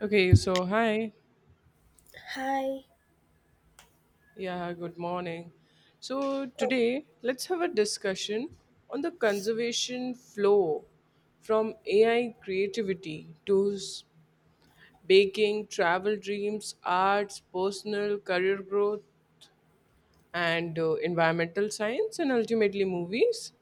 Okay, so hi. Hi. Yeah, good morning. So Oh, today, let's have a discussion on the conservation flow from AI creativity to baking, travel dreams, arts, personal career growth, and environmental science, and ultimately movies.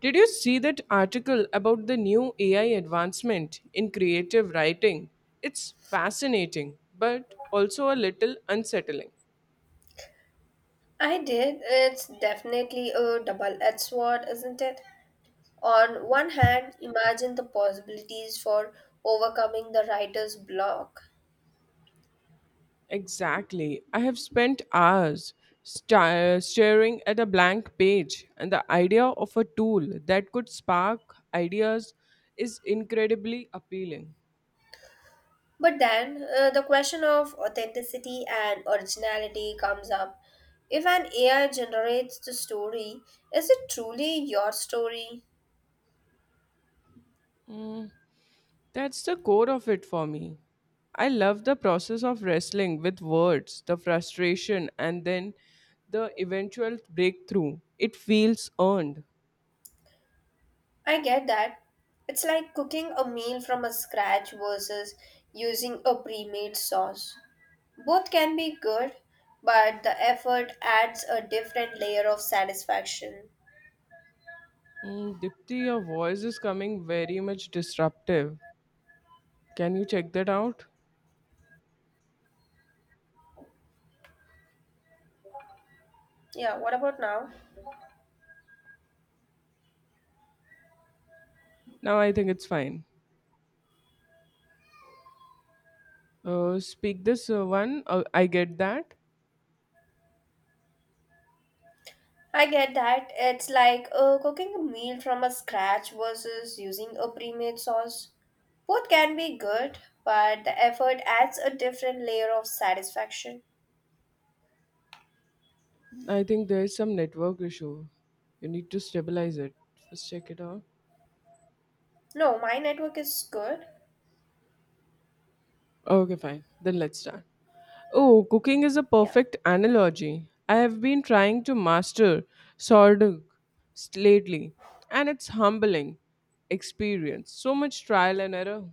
Did you see that article about the new AI advancement in creative writing? It's fascinating, but also a little unsettling. I did. It's definitely a double-edged sword, isn't it? On one hand, imagine the possibilities for overcoming the writer's block. Exactly. I have spent hours staring at a blank page, and the idea of a tool that could spark ideas is incredibly appealing. But then, the question of authenticity and originality comes up. If an AI generates the story, is it truly your story? That's the core of it for me. I love the process of wrestling with words, the frustration, and then the eventual breakthrough. It feels earned. I get that. It's like cooking a meal from a scratch versus using a pre-made sauce. Both can be good, but the effort adds a different layer of satisfaction. Mm, Dipti, your voice is coming very much disruptive. Can you check that out? Yeah, what about now? Now I think it's fine. Speak this one. I get that. I get that. It's like cooking a meal from a scratch versus using a pre made sauce. Both can be good, but the effort adds a different layer of satisfaction. I think there is some network issue. You need to stabilize it. First, check it out. No, my network is good. Okay, fine. Then let's start. Oh, cooking is a Yeah. perfect analogy. I have been trying to master sourdough lately, and it's humbling experience. So much trial and error.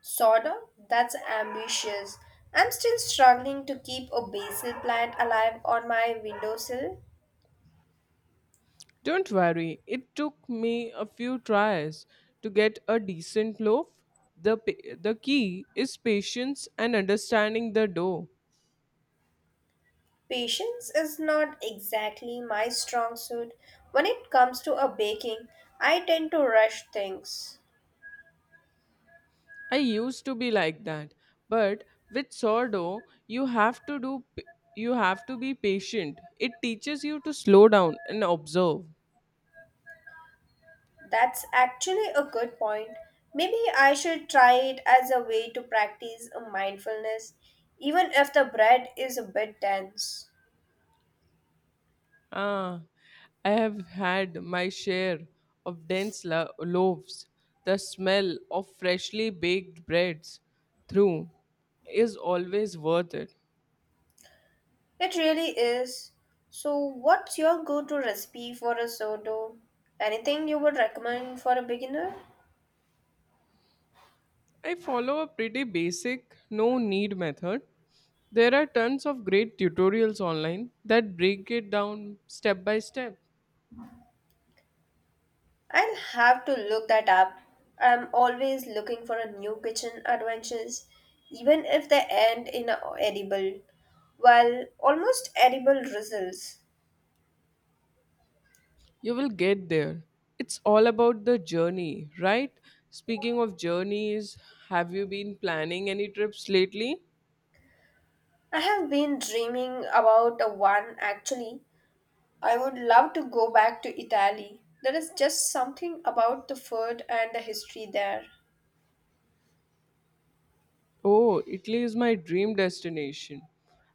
Sorta. That's ambitious. I'm still struggling to keep a basil plant alive on my windowsill. Don't worry, it took me a few tries to get a decent loaf. The key is patience and understanding the dough. Patience is not exactly my strong suit. When it comes to a baking, I tend to rush things. I used to be like that, but with sourdough, you have to be patient. It teaches you to slow down and observe. That's actually a good point. Maybe I should try it as a way to practice a mindfulness, even if the bread is a bit dense. Ah, I have had my share of dense loaves. The smell of freshly baked breads through is always worth it. It really is. So, what's your go to recipe for a sourdough? Anything you would recommend for a beginner? I follow a pretty basic, no need method. There are tons of great tutorials online that break it down step by step. I'll have to look that up. I'm always looking for a new kitchen adventures, even if they end in a edible, well, almost edible results. You will get there. It's all about the journey, right? Speaking of journeys, have you been planning any trips lately? I have been dreaming about a one actually. I would love to go back to Italy. There is just something about the food and the history there. Oh, Italy is my dream destination.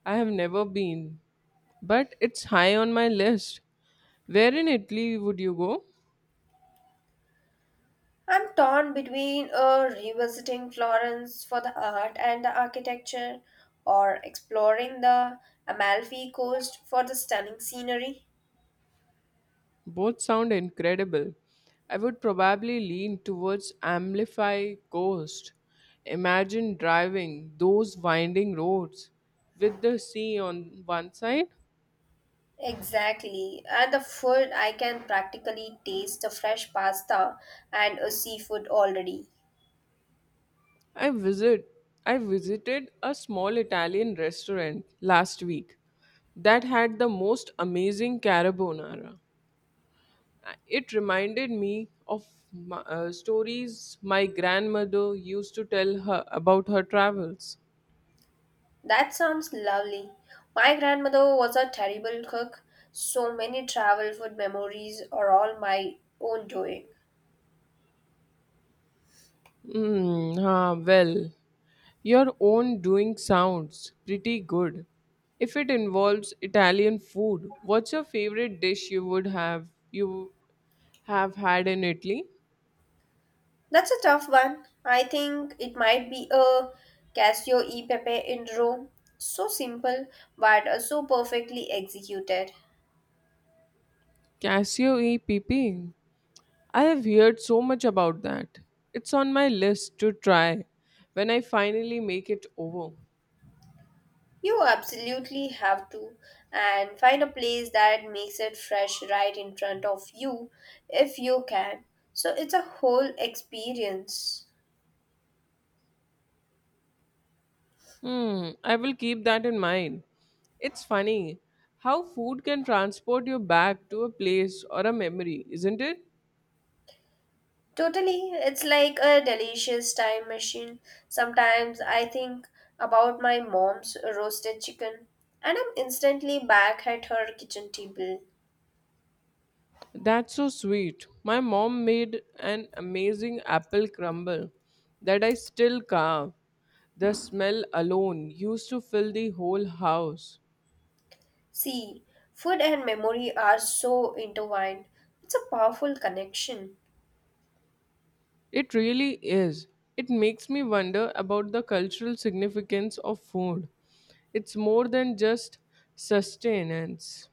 I have never been, but it's high on my list. Where in Italy would you go? I'm torn between revisiting Florence for the art and the architecture or exploring the Amalfi Coast for the stunning scenery. Both sound incredible. I would probably lean towards Amplify Coast. Imagine driving those winding roads with the sea on one side. Exactly, and the food I can practically taste the fresh pasta and a seafood already. I visit I visited a small Italian restaurant last week that had the most amazing carbonara. It reminded me of stories my grandmother used to tell her about her travels. That sounds lovely. My grandmother was a terrible cook, so many travel food memories are all my own doing. Hmm. Well, your own doing sounds pretty good. If it involves Italian food, what's your favorite dish you have had in Italy? That's a tough one. I think it might be a Casio e Pepe in Rome. So simple, but so perfectly executed. Cassio e pepe. I have heard so much about that. It's on my list to try when I finally make it over. You absolutely have to, and find a place that makes it fresh right in front of you if you can. So it's a whole experience. Hmm, I will keep that in mind. It's funny how food can transport you back to a place or a memory, isn't it? Totally, it's like a delicious time machine. Sometimes I think about my mom's roasted chicken and I'm instantly back at her kitchen table. That's so sweet. My mom made an amazing apple crumble that I still carve. The smell alone used to fill the whole house. See, food and memory are so intertwined. It's a powerful connection. It really is. It makes me wonder about the cultural significance of food. It's more than just sustenance.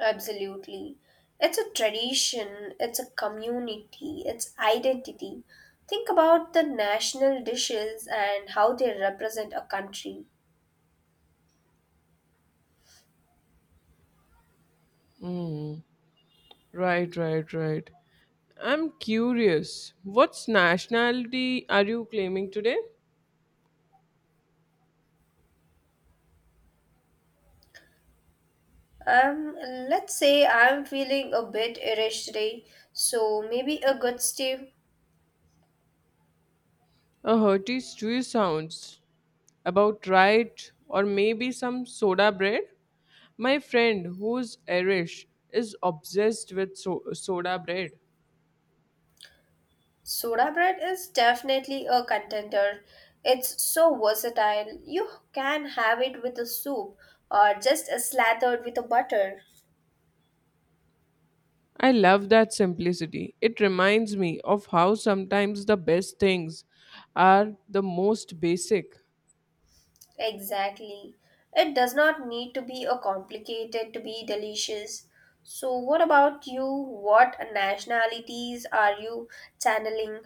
Absolutely. It's a tradition, it's a community, it's identity. Think about the national dishes and how they represent a country. Right. I'm curious. What's nationality are you claiming today? Um, let's say I'm feeling a bit Irish today, so maybe a good stew. A hearty stew sounds about right, or maybe some soda bread. My friend, who's Irish, is obsessed with soda bread. Soda bread is definitely a contender. It's so versatile. You can have it with a soup or just a slathered with a butter. I love that simplicity. It reminds me of how sometimes the best things are the most basic. Exactly. It does not need to be a complicated to be delicious. So what about you? What nationalities are you channeling?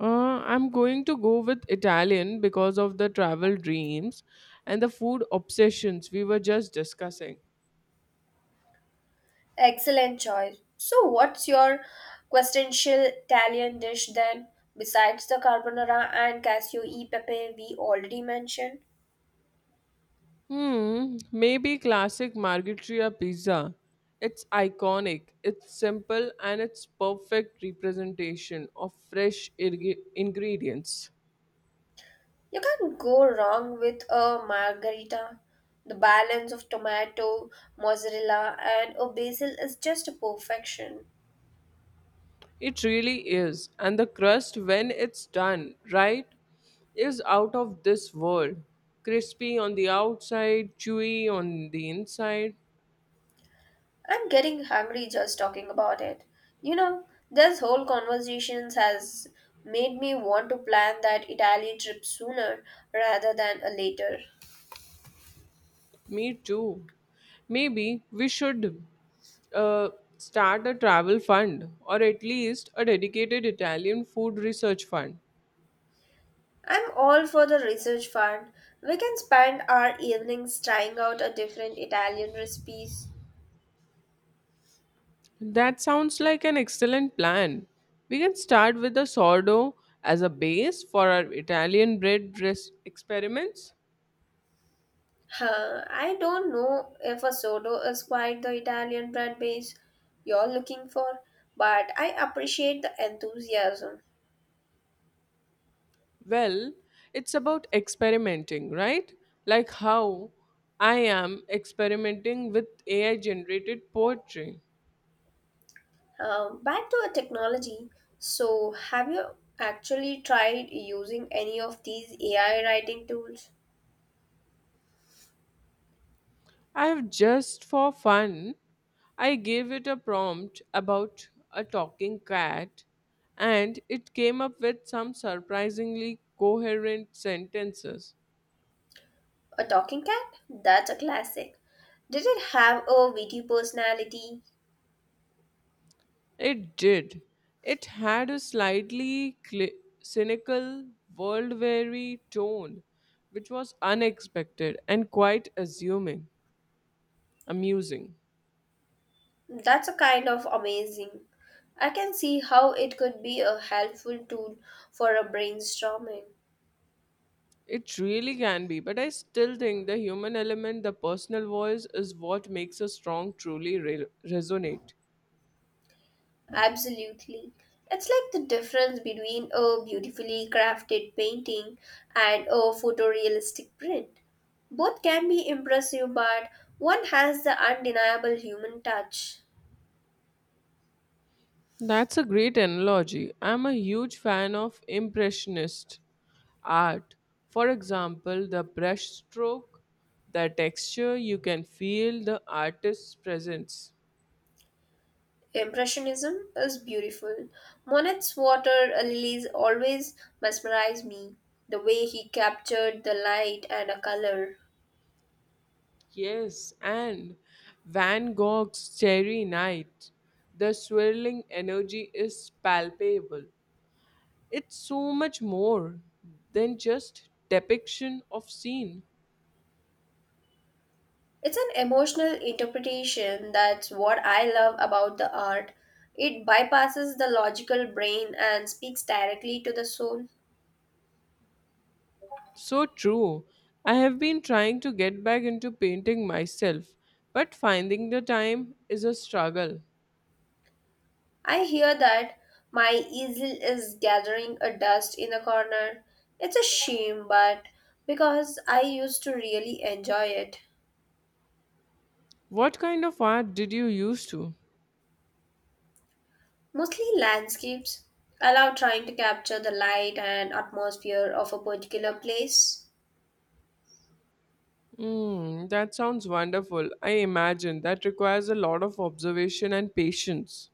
I'm going to go with Italian because of the travel dreams and the food obsessions we were just discussing. Excellent choice. So, what's your quintessential Italian dish then, besides the carbonara and cassio e pepe we already mentioned? Hmm, maybe classic margherita pizza. It's iconic, it's simple, and it's perfect representation of fresh ingredients. You can't go wrong with a margherita. The balance of tomato, mozzarella, and a basil is just a perfection. It really is, and the crust when it's done right is out of this world. Crispy on the outside, chewy on the inside. I'm getting hungry just talking about it. You know, this whole conversation has made me want to plan that Italian trip sooner rather than a later. Me too. Maybe we should uh, start a travel fund or at least a dedicated Italian food research fund. I'm all for the research part. We can spend our evenings trying out a different Italian recipes. That sounds like an excellent plan. We can start with the sourdough as a base for our Italian bread dress experiments. Huh, I don't know if a sodo is quite the Italian bread base you're looking for, but I appreciate the enthusiasm. Well, it's about experimenting, right? Like how I am experimenting with AI generated poetry. Back to a technology. So, have you actually tried using any of these AI writing tools? I have just for fun. I gave it a prompt about a talking cat and it came up with some surprisingly coherent sentences. A talking cat? That's a classic. Did it have a witty personality? It did. It had a slightly cli cynical, world weary tone, which was unexpected and quite assuming, amusing. That's a kind of amazing. I can see how it could be a helpful tool for a brainstorming. It really can be, but I still think the human element, the personal voice, is what makes a strong truly resonate. Absolutely. It's like the difference between a beautifully crafted painting and a photorealistic print. Both can be impressive, but one has the undeniable human touch. That's a great analogy. I'm a huge fan of Impressionist art. For example, the brushstroke, the texture, you can feel the artist's presence. Impressionism is beautiful. Monet's water lilies always mesmerize me. The way he captured the light and a color. Yes, and Van Gogh's Starry Night. The swirling energy is palpable. It's so much more than just depiction of scene. It's an emotional interpretation that's what I love about the art. It bypasses the logical brain and speaks directly to the soul. So true. I have been trying to get back into painting myself, but finding the time is a struggle. I hear that my easel is gathering a dust in a corner. It's a shame, but because I used to really enjoy it. What kind of art did you used to? Mostly landscapes. I love trying to capture the light and atmosphere of a particular place. Mm, that sounds wonderful. I imagine that requires a lot of observation and patience.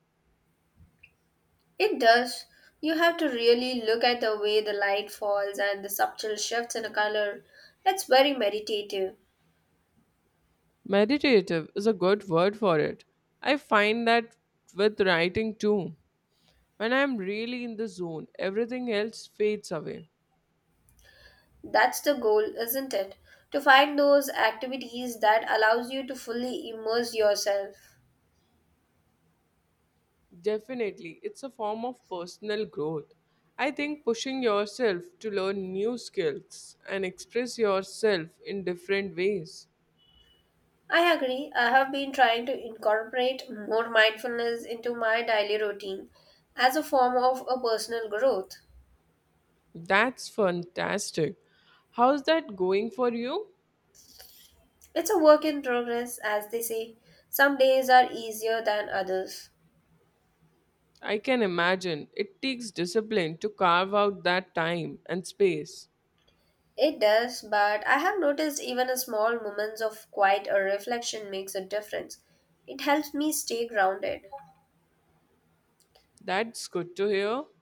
It does. You have to really look at the way the light falls and the subtle shifts in a color. It's very meditative. Meditative is a good word for it. I find that with writing too. When I'm really in the zone, everything else fades away. That's the goal, isn't it? To find those activities that allows you to fully immerse yourself. Definitely, it's a form of personal growth. I think pushing yourself to learn new skills and express yourself in different ways. I agree. I have been trying to incorporate more mindfulness into my daily routine as a form of a personal growth. That's fantastic. How's that going for you? It's a work in progress, as they say. Some days are easier than others. I can imagine it takes discipline to carve out that time and space. It does, but I have noticed even a small moments of quiet or reflection makes a difference. It helps me stay grounded. That's good to hear.